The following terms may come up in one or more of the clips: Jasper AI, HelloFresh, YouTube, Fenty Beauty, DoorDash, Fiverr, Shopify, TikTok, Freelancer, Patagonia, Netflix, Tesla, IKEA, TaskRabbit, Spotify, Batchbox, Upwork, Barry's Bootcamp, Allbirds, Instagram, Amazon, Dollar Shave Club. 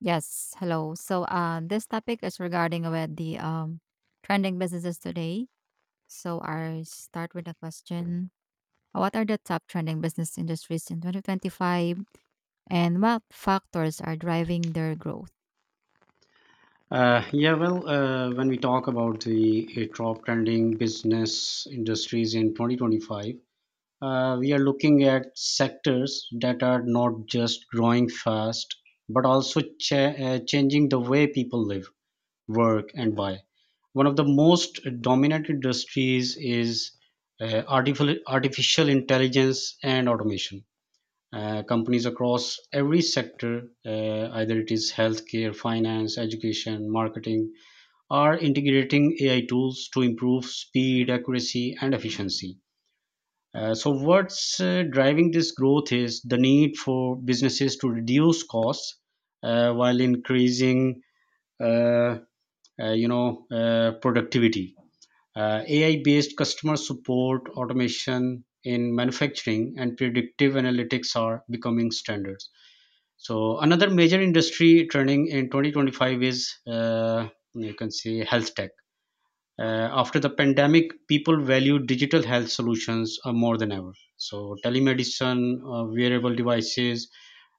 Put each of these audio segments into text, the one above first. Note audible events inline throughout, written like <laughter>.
Yes, hello. So, this topic is regarding about the trending businesses today. So, I start with a question: what are the top trending business industries in 2025, and what factors are driving their growth? When we talk about the top trending business industries in 2025, we are looking at sectors that are not just growing fast, but also changing the way people live, work, and buy. One of the most dominant industries is artificial intelligence and automation. Companies across every sector, either it is healthcare, finance, education, marketing, are integrating AI tools to improve speed, accuracy, and efficiency. What's driving this growth is the need for businesses to reduce costs while increasing, uh, productivity. AI-based customer support, automation in manufacturing, and predictive analytics are becoming standards. So, another major industry turning in 2025 is you can say health tech. After the pandemic, people value digital health solutions more than ever. So, telemedicine, wearable devices,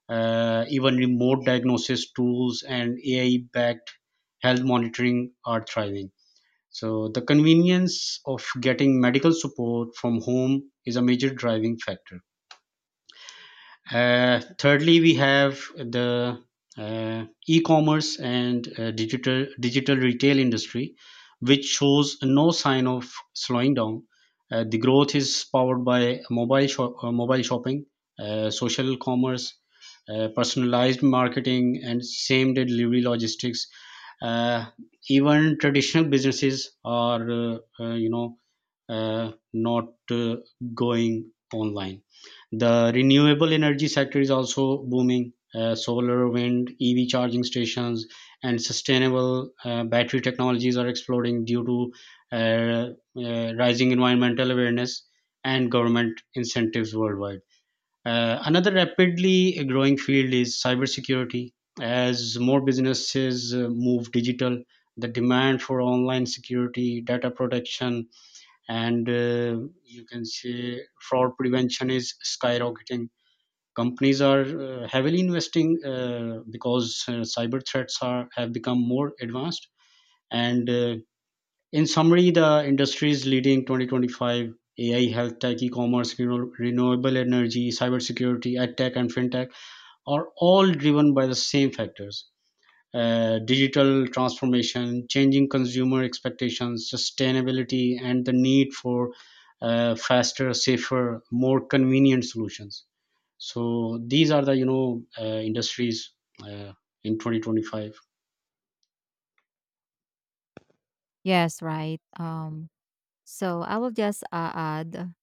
even remote diagnosis tools, and AI backed health monitoring are thriving. So, the convenience of getting medical support from home is a major driving factor. Thirdly, we have the e-commerce and digital retail industry, which shows no sign of slowing down. The growth is powered by mobile shopping, social commerce, personalized marketing, and same day delivery logistics. Uh, Even traditional businesses are, you know, not going online. The renewable energy sector is also booming. Solar, wind, EV charging stations, and sustainable battery technologies are exploding due to uh, rising environmental awareness and government incentives worldwide. Another rapidly growing field is cybersecurity. As more businesses move digital, the demand for online security, data protection, and you can say fraud prevention is skyrocketing. Companies are heavily investing because cyber threats are have become more advanced. And in summary, the industries leading 2025, AI, health tech, e-commerce, renewable energy, cybersecurity, ed tech, and fintech are all driven by the same factors, digital transformation, changing consumer expectations, sustainability, and the need for faster, safer, more convenient solutions. So these are the industries uh, in 2025. Yes, right. So I will just add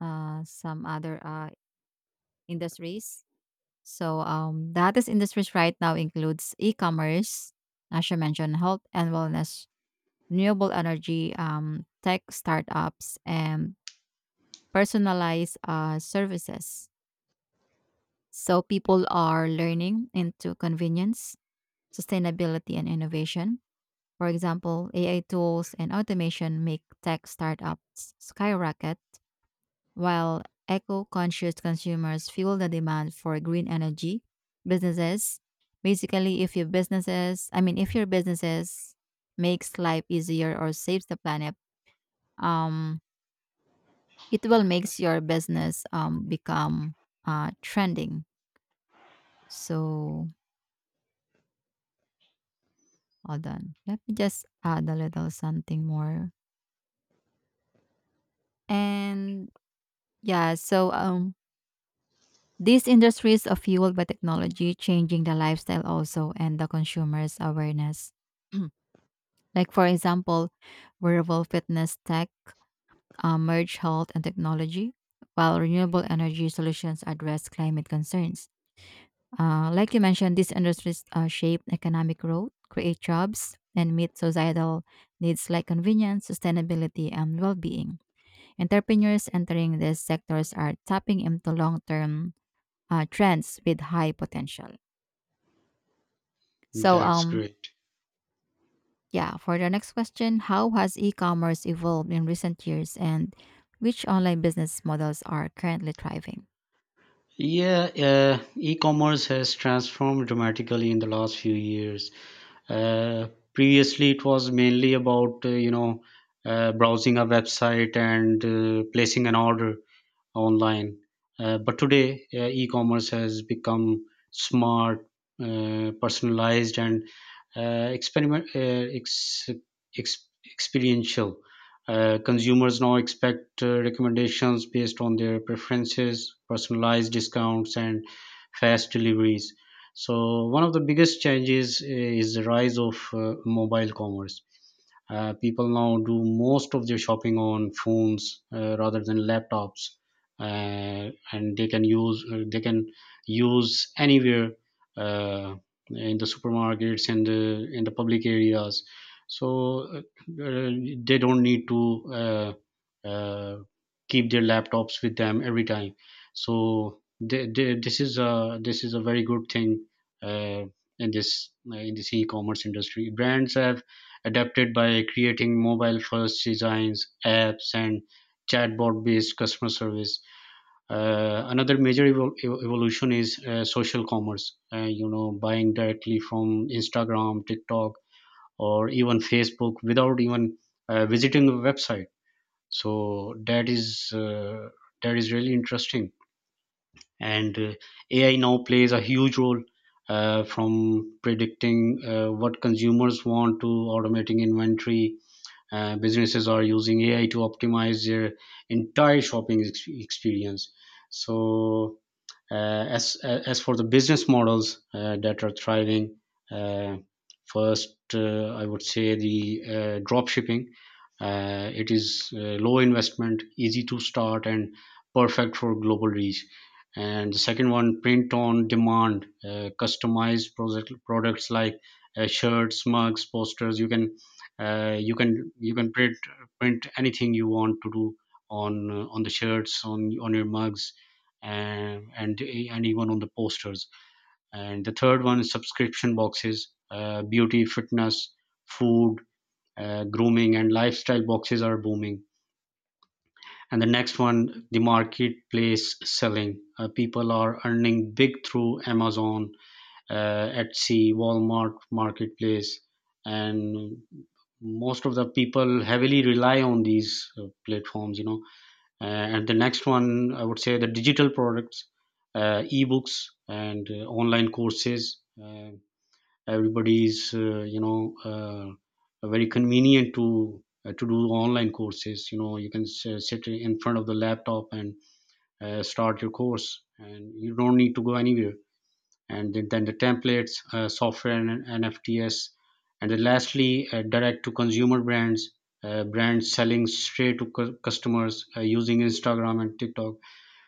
some other industries. So, the hottest industries right now includes e-commerce, as you mentioned, health and wellness renewable energy, tech startups, and personalized services. So people are learning into convenience, sustainability, and innovation. For example, AI tools and automation make tech startups skyrocket, while eco conscious consumers fuel the demand for green energy. Businesses, basically, if your businesses, I mean, if your businesses makes life easier or saves the planet, um, it will makes your business become trending. So hold on, let me just add a little something more. And yeah, so these industries are fueled by technology changing the lifestyle also and the consumers awareness <clears throat> like, for example, wearable fitness tech merge health and technology while renewable energy solutions address climate concerns. Like you mentioned, these industries shape economic growth, create jobs, and meet societal needs like convenience, sustainability, and well being. Entrepreneurs entering these sectors are tapping into long term trends with high potential. So, That's um, great. yeah, for the next question, how has e commerce evolved in recent years and which online business models are currently thriving? Yeah, E-commerce has transformed dramatically in the last few years. Uh, Previously, it was mainly about browsing a website and placing an order, online. But today, e-commerce has become smart, personalized, and uh, experiment uh, ex, experiential. Consumers now expect recommendations based on their preferences, personalized discounts, and fast deliveries. So one of the biggest changes is the rise of mobile commerce. People now do most of their shopping on phones rather than laptops. And they can use anywhere, uh, in the supermarkets and in the public areas. So uh, uh, they don't need to uh, keep their laptops with them every time. So this is a very good thing. Uh, in this uh, in this e-commerce industry, brands have adapted by creating mobile first designs, apps, and chatbot based customer service. Another major evolution is social commerce. Buying directly from Instagram, TikTok, or even Facebook without even visiting a website. So that is really interesting. And AI now plays a huge role, from predicting what consumers want to automating inventory. Businesses are using AI to optimize their entire shopping experience. So as for the business models that are thriving, uh, first, I would say the drop shipping. It is low investment, easy to start, and perfect for global reach. And the second one, print on demand, products like shirts, mugs, posters. You can you can print anything you want to do on the shirts, on your mugs, and even on the posters. And the third one is subscription boxes, beauty, fitness, food, grooming, and lifestyle boxes are booming. And the next one, the marketplace selling. People are earning big through Amazon, Etsy, Walmart marketplace, and most of the people heavily rely on these platforms. Uh, and the next one, I would say the digital products, ebooks and online courses. Everybody's very convenient to do online courses. You know, you can sit in front of the laptop and start your course, and you don't need to go anywhere. Then the templates, software, and NFTs. And then lastly, direct to consumer brands, brands selling straight to customers using instagram and tiktok.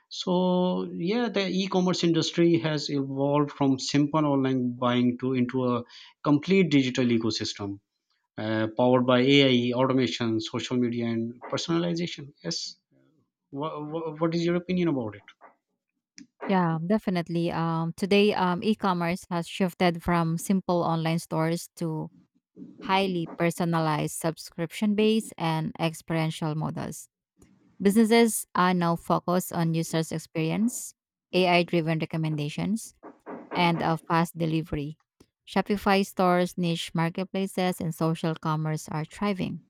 So yeah, the e-commerce industry has evolved from simple online buying to into a complete digital ecosystem powered by AI, automation, social media, and personalization. Yes. What is your opinion about it? Yeah, definitely. Today, e-commerce has shifted from simple online stores to highly personalized subscription based and experiential models. Businesses are now focused on users' experience, AI driven recommendations, and a fast delivery. Shopify stores, niche marketplaces, and social commerce are thriving.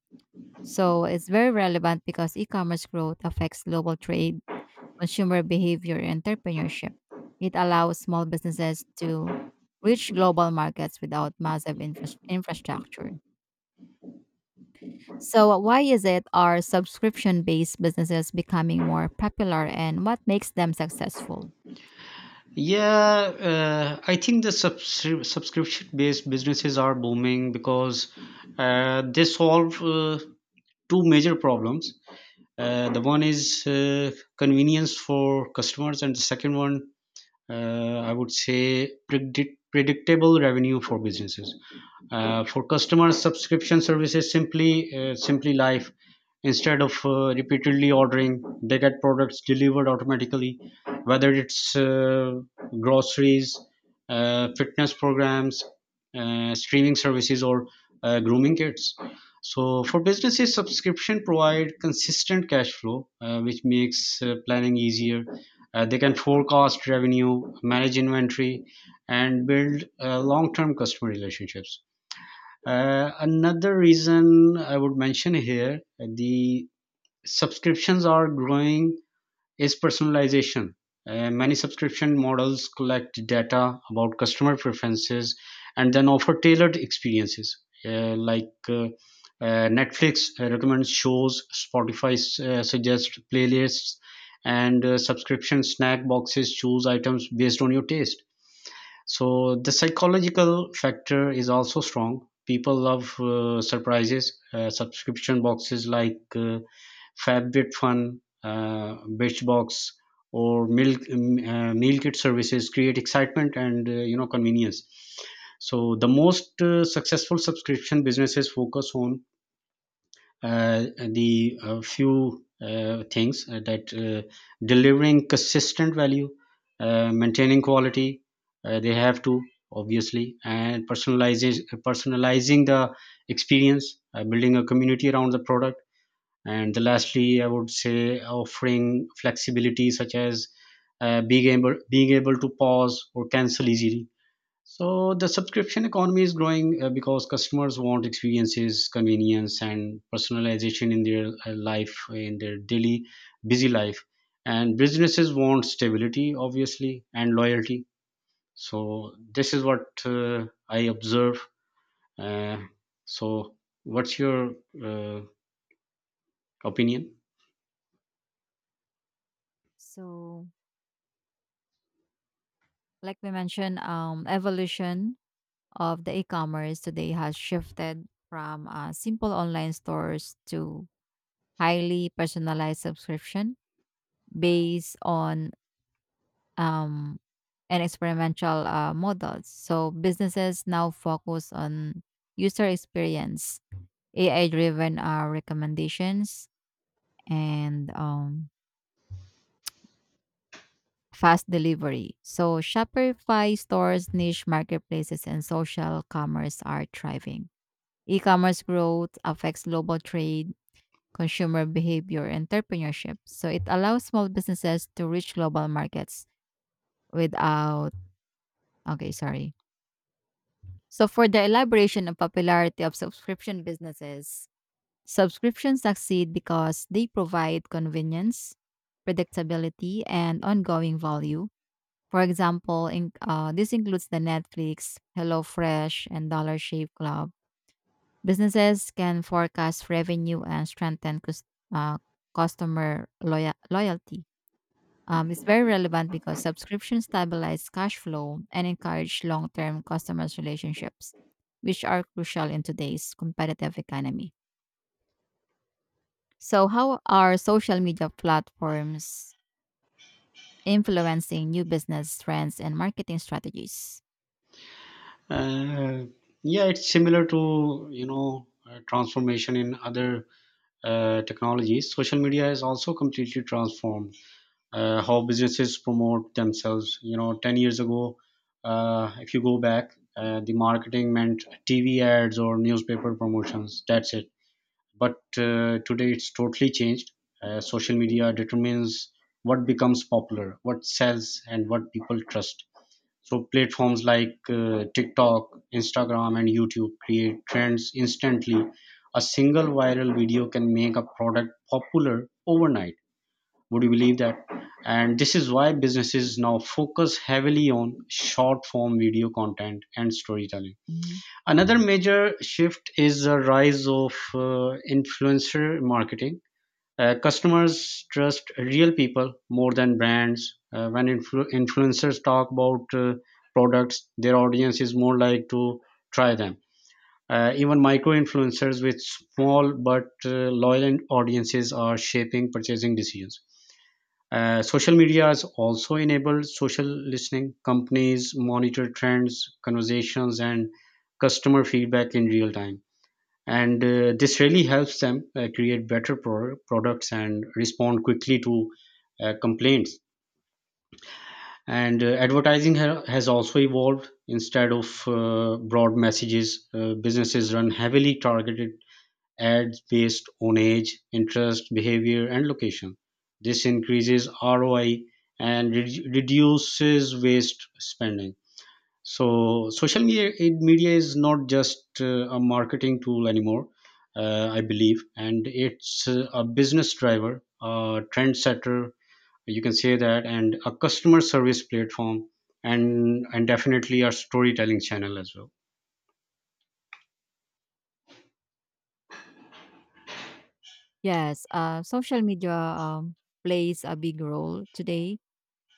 So it's very relevant because e commerce growth affects global trade, consumer behavior, and entrepreneurship. It allows small businesses to reach global markets without massive infrastructure. So, why is it are subscription based businesses becoming more popular and what makes them successful? Yeah, I think the subscription-based businesses are booming because they solve two major problems. The one is convenience for customers, and the second one, I would say, predictable revenue for businesses. For customers, subscription services simply life. Instead of repeatedly ordering, they get products delivered automatically, whether it's groceries, fitness programs, streaming services, or grooming kits. So for businesses, subscription provide consistent cash flow, which makes planning easier. They can forecast revenue, manage inventory, and build long term customer relationships. Another reason I would mention here, the subscriptions are growing, is personalization. Many subscription models collect data about customer preferences and then offer tailored experiences. Uh, like uh, Netflix recommends shows, Spotify suggests playlists, and subscription snack boxes choose items based on your taste. So the psychological factor is also strong. People love surprises. Subscription boxes like Fabit Fun, Batchbox, or Milk Meal Kit services create excitement and convenience. So the most successful subscription businesses focus on the few things that delivering consistent value, maintaining quality. They have to obviously, and personalizing the experience, building a community around the product, and the lastly, I would say, offering flexibility such as being able to pause or cancel easily. So the subscription economy is growing because customers want experiences, convenience, and personalization in their life in their daily busy life, and businesses want stability, obviously, and loyalty. So this is what I observe. Uh, so what's your uh, opinion? So, like we mentioned, evolution of the e commerce today has shifted from simple online stores to highly personalized subscription based on um, an experimental models. So, businesses now focus on user experience, AI driven recommendations and fast delivery. So Shopify stores, niche marketplaces, and social commerce are thriving. E-commerce growth affects global trade, consumer behavior, and entrepreneurship. So it allows small businesses to reach global markets without okay, sorry. So for the elaboration and popularity of subscription businesses, subscriptions succeed because they provide convenience, predictability, and ongoing value. For example, this includes the Netflix, HelloFresh, and Dollar Shave Club. Businesses can forecast revenue and strengthen uh, customer loyalty. It's very relevant because subscriptions stabilize cash flow and encourage long-term customers' relationships, which are crucial in today's competitive economy. So, how are social media platforms influencing new business trends and marketing strategies? Uh, yeah, it's similar to transformation in other technologies. Social media has also completely transformed how businesses promote themselves. You know, 10 years ago, if you go back, the marketing meant TV ads or newspaper promotions. That's it. But today, it's totally changed. Social media determines what becomes popular, what sells, and what people trust. So platforms like TikTok, Instagram, and YouTube create trends instantly. A single viral video can make a product popular overnight. Would you believe that? And this is why businesses now focus heavily on short form video content and storytelling. Another major shift is the rise of influencer marketing. Customers trust real people more than brands. When influencers talk about products, their audience is more like to try them. Even micro influencers with small but loyal audiences are shaping purchasing decisions. Social media has also enabled social listening. Companies monitor trends, conversations, and customer feedback in real time, and this really helps them create better products and respond quickly to complaints. And Advertising has also evolved. Instead of broad messages, businesses run heavily targeted ads based on age, interest, behavior, and location. This increases ROI and reduces waste spending. So media is not just a marketing tool anymore, I believe, and it's a business driver, a trendsetter, you can say that, and a customer service platform, and definitely a storytelling channel as well. Yes, social media plays a big role today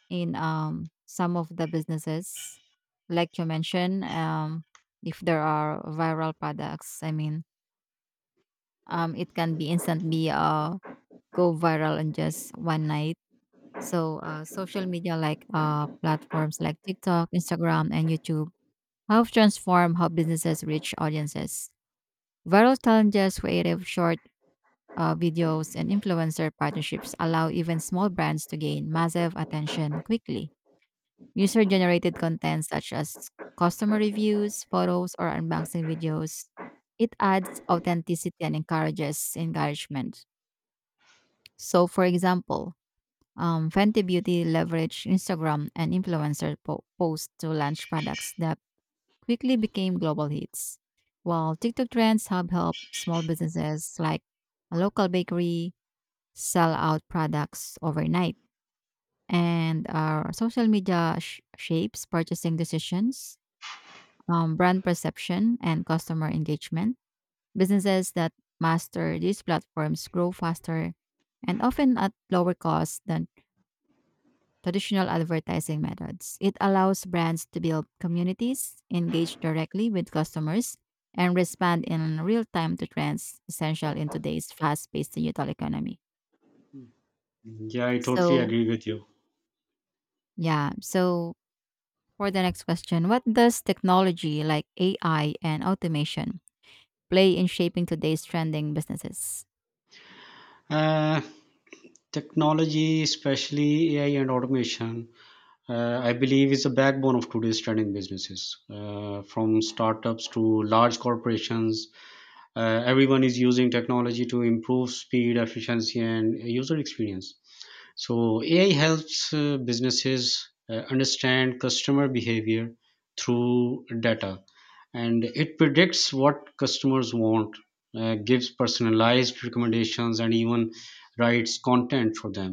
in some of the businesses, like you mentioned. If there are viral products, I mean, it can be instantly go viral in just one night. So, social media like platforms like TikTok, Instagram, and YouTube have transformed how businesses reach audiences. Viral challenges, creative short videos and influencer partnerships allow even small brands to gain massive attention quickly. User generated content such as customer reviews, photos, or unboxing videos. It adds authenticity and encourages engagement. So, for example, Fenty Beauty leveraged Instagram and influencer posts to launch products that quickly became global hits, while TikTok trends have helped small businesses like a local bakery, sell out products overnight. And our social media shapes purchasing decisions, brand perception, and customer engagement. Businesses that master these platforms grow faster and often at lower cost than traditional advertising methods. It allows brands to build communities, engage directly with customers, and respond in real time to trends essential in today's fast paced digital economy. Yeah, I totally So, agree with you. yeah. So, for the next question, what does technology like AI and automation play in shaping today's trending businesses? Uh, Technology, especially AI and automation, I believe is the backbone of today's trending businesses. From startups to large corporations, everyone is using technology to improve speed, efficiency, and user experience. So AI helps businesses understand customer behavior through data, and it predicts what customers want, gives personalized recommendations, and even writes content for them.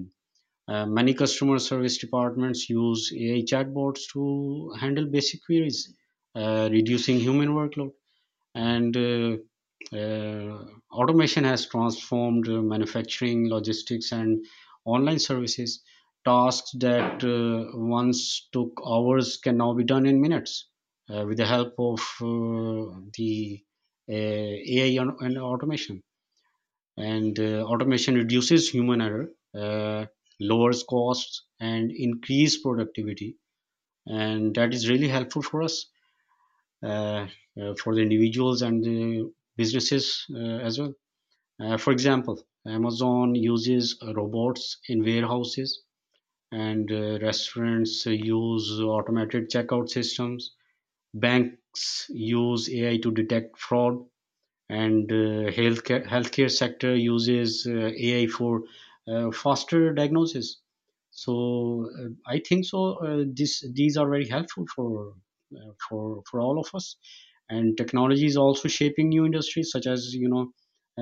Many customer service departments use AI chatbots to handle basic queries, reducing human workload. And uh, Automation has transformed manufacturing, logistics, and online services. Tasks that once took hours can now be done in minutes with the help of the AI and automation. And automation reduces human error, uh, lowers costs, and increase productivity, and that is really helpful for us, uh, for the individuals and the businesses, as well. For example, Amazon uses robots in warehouses, and restaurants use automated checkout systems. Banks use AI to detect fraud, and healthcare sector uses AI for faster diagnosis. So I think so. This these are very helpful for all of us. And technology is also shaping new industries, such as, you know,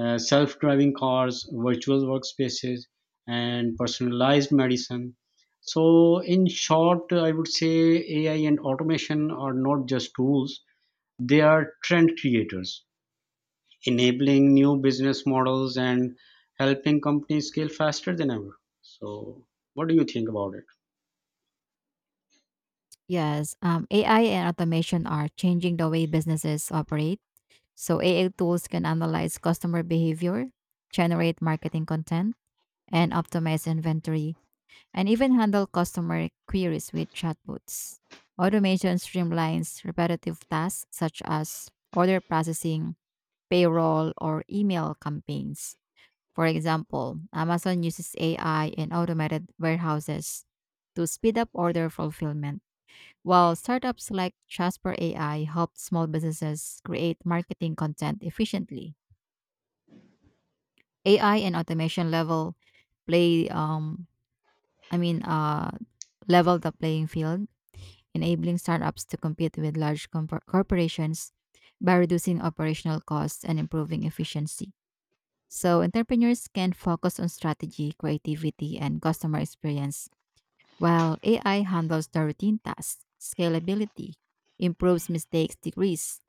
self driving cars, virtual workspaces, and personalized medicine. So in short, I would say AI and automation are not just tools; they are trend creators, enabling new business models and helping companies scale faster than ever. So, what do you think about it? Yes, AI and automation are changing the way businesses operate. So, AI tools can analyze customer behavior, generate marketing content, and optimize inventory, and even handle customer queries with chatbots. Automation streamlines repetitive tasks such as order processing, payroll, or email campaigns. For example, Amazon uses AI and automated warehouses to speed up order fulfillment, while startups like Jasper AI help small businesses create marketing content efficiently. AI and automation level play I mean level the playing field, enabling startups to compete with large compor corporations by reducing operational costs and improving efficiency. So entrepreneurs can focus on strategy, creativity, and customer experience, while AI handles the routine tasks, scalability, improves mistakes decrease,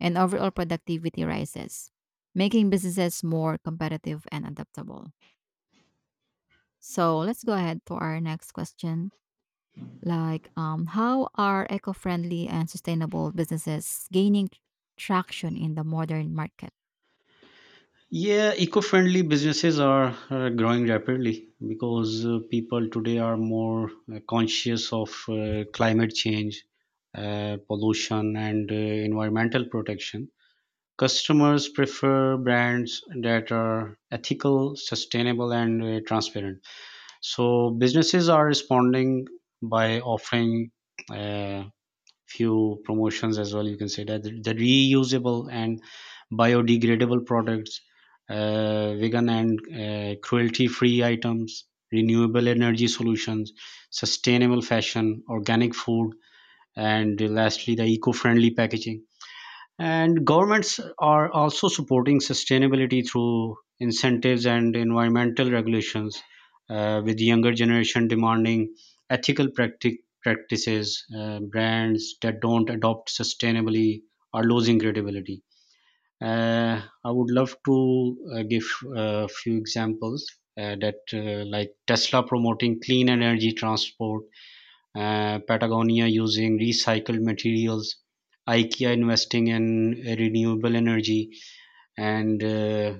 and overall productivity rises, making businesses more competitive and adaptable. So let's go ahead to our next question. Like, how are eco-friendly and sustainable businesses gaining traction in the modern market? Yeah, eco friendly businesses are growing rapidly because people today are more conscious of climate change, pollution, and environmental protection. Customers prefer brands that are ethical, sustainable, and transparent. So, businesses are responding by offering uh, few promotions as well. You can say that the reusable and biodegradable products, vegan and cruelty free items, renewable energy solutions, sustainable fashion, organic food, and lastly the eco friendly packaging. And governments are also supporting sustainability through incentives and environmental regulations, with the younger generation demanding practices. Brands that don't adopt sustainably are losing credibility. I would love to give a few examples, like Tesla promoting clean energy transport, Patagonia using recycled materials, IKEA investing in renewable energy, and uh,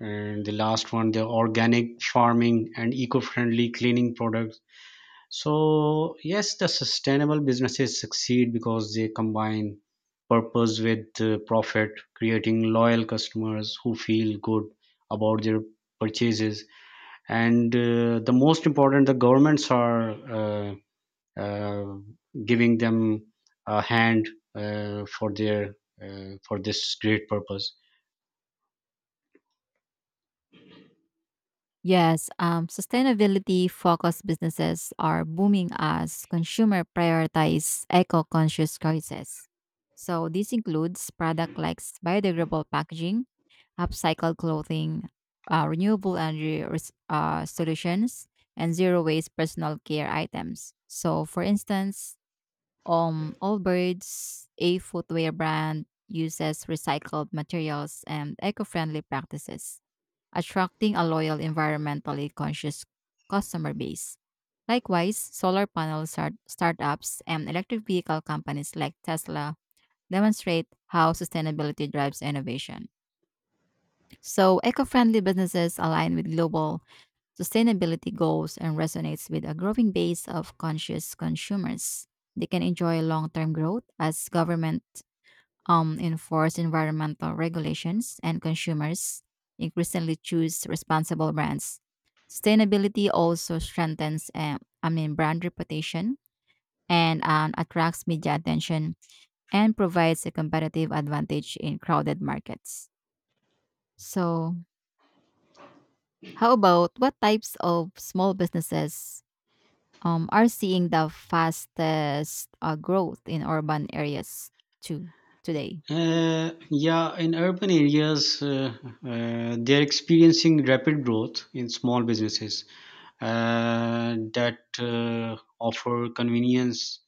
and the last one, the organic farming and eco-friendly cleaning products. So yes, the sustainable businesses succeed because they combine purpose with profit, creating loyal customers who feel good about their purchases. And the most important, the governments are. Uh, uh, Giving them a hand for their for this great purpose. Yes, sustainability focused businesses are booming as consumer prioritize eco conscious choices. So, this includes products like biodegradable packaging, upcycled clothing, renewable energy solutions, and zero waste personal care items. So, for instance, Allbirds, a footwear brand, uses recycled materials and eco friendly practices attracting a loyal environmentally conscious customer base. Likewise, solar panel startups and electric vehicle companies like Tesla demonstrate how sustainability drives innovation. So, eco-friendly businesses align with global sustainability goals and resonates with a growing base of conscious consumers. They can enjoy long-term growth as government enforce environmental regulations, and consumers increasingly choose responsible brands. Sustainability also strengthens, brand reputation and attracts media attention and provides a competitive advantage in crowded markets. So, how about what types of small businesses are seeing the fastest growth in urban areas too today? Yeah, in urban areas, they're experiencing rapid growth in small businesses that offer convenience,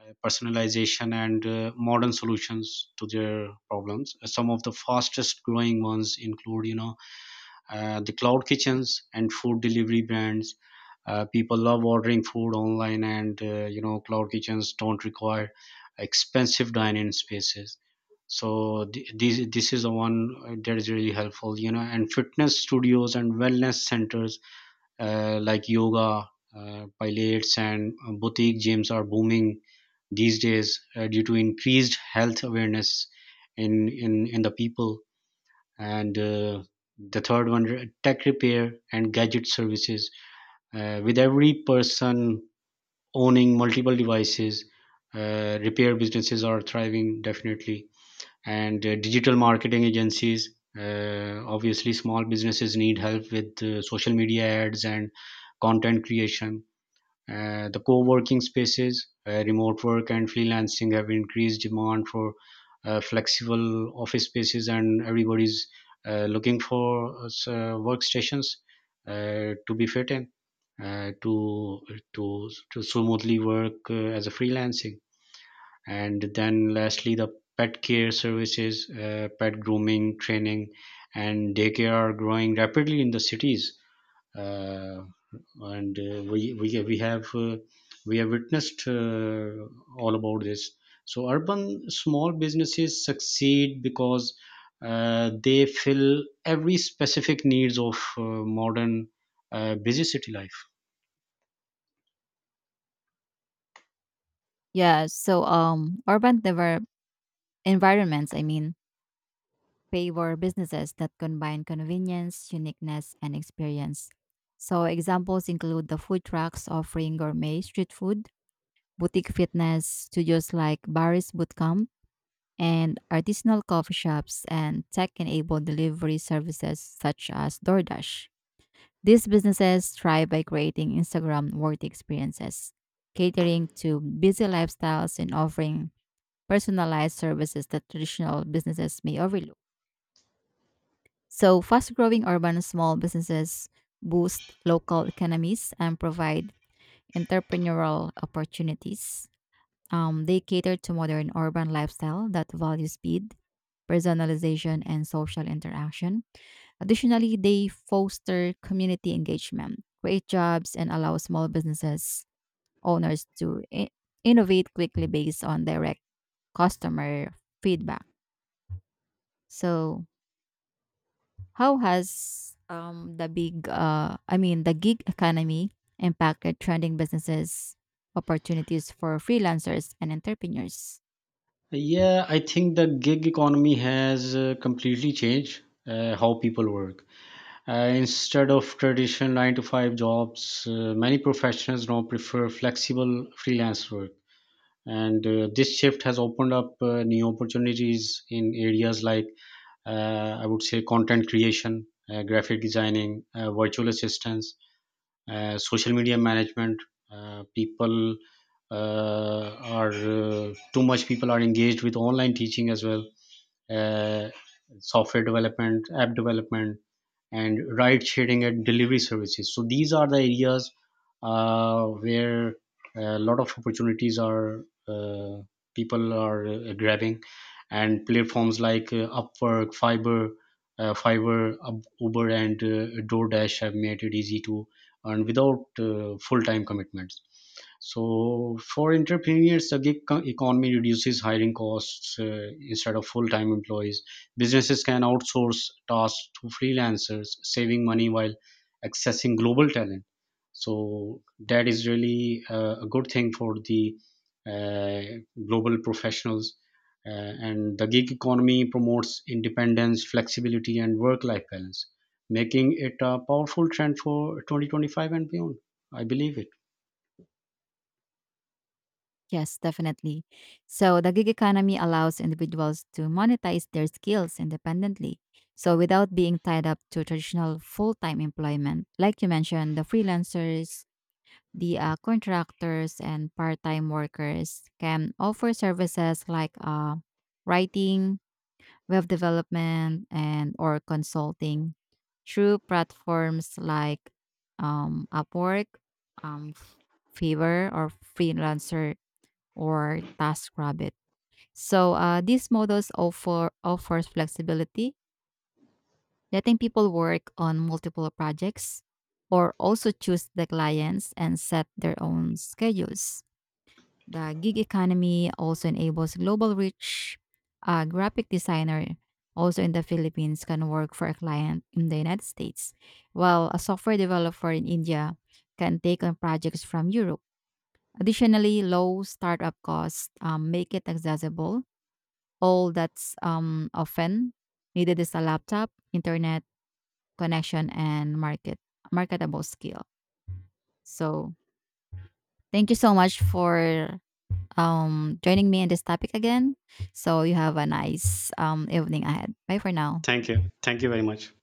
personalization, and modern solutions to their problems. Some of the fastest growing ones include, you know, the cloud kitchens and food delivery brands. People love ordering food online, and, you know, cloud kitchens don't require expensive dining spaces, so this is the one that is really helpful, you know. And fitness studios and wellness centers, like yoga, pilates, and boutique gyms are booming these days due to increased health awareness in the people. And the third one, tech repair and gadget services, with every person owning multiple devices, repair businesses are thriving, definitely. And digital marketing agencies, obviously small businesses need help with social media ads and content creation. The co-working spaces, remote work, and freelancing have increased demand for flexible office spaces, and everybody's looking for workstations to be fit in, uh, to to smoothly work as a freelancing. And then lastly, the pet care services, pet grooming, training, and daycare are growing rapidly in the cities, uh, and we have witnessed all about this. So urban small businesses succeed because they fill every specific needs of modern busy city life. Yeah, so urban develop environments, I mean, favor businesses that combine convenience, uniqueness, and experience. So, examples include the food trucks offering gourmet street food, boutique fitness studios like Barry's Bootcamp, and artisanal coffee shops and tech enabled delivery services such as DoorDash. These businesses thrive by creating Instagram worthy experiences, catering to busy lifestyles, and offering personalized services that traditional businesses may overlook. So, fast growing urban small businesses boost local economies and provide entrepreneurial opportunities. They cater to modern urban lifestyle that values speed, personalization, and social interaction. Additionally, they foster community engagement, create jobs, and allow small businesses owners to innovate quickly based on direct customer feedback. So, how has the big I mean the gig economy impacted trending businesses opportunities for freelancers and entrepreneurs? Yeah, I think the gig economy has completely changed how people work. Instead of traditional nine to five jobs, many professionals now prefer flexible freelance work, and this shift has opened up new opportunities in areas like, I would say, content creation, graphic designing, virtual assistants, social media management. People are too much people are engaged with online teaching as well, uh, software development, app development, and ride sharing and delivery services. So these are the areas where a lot of opportunities are, people are grabbing, and platforms like Upwork, Fiverr, Uber, and DoorDash have made it easy to earn without full-time commitments. So for entrepreneurs, the economy reduces hiring costs. Instead of full-time employees, businesses can outsource tasks to freelancers, saving money while accessing global talent. So that is really a good thing for the uh, global professionals. And the gig economy promotes independence, flexibility, and work-life balance, making it a powerful trend for 2025 and beyond. I believe it. Yes, definitely. So the gig economy allows individuals to monetize their skills independently. So without being tied up to traditional full-time employment, like you mentioned, the freelancers, the contractors and part-time workers can offer services like writing, web development and or consulting through platforms like Upwork, um, Fiverr, or Freelancer or TaskRabbit. So these models offers flexibility, letting people work on multiple projects or also choose the clients and set their own schedules. The gig economy also enables global reach. A graphic designer, also in the Philippines, can work for a client in the United States, while a software developer in India can take on projects from Europe. Additionally, low startup costs make it accessible. All that's often needed is a laptop, internet connection, and marketable skill. So, thank you so much for joining me in this topic again. So you have a nice evening ahead. Bye for now. Thank you. Thank you very much.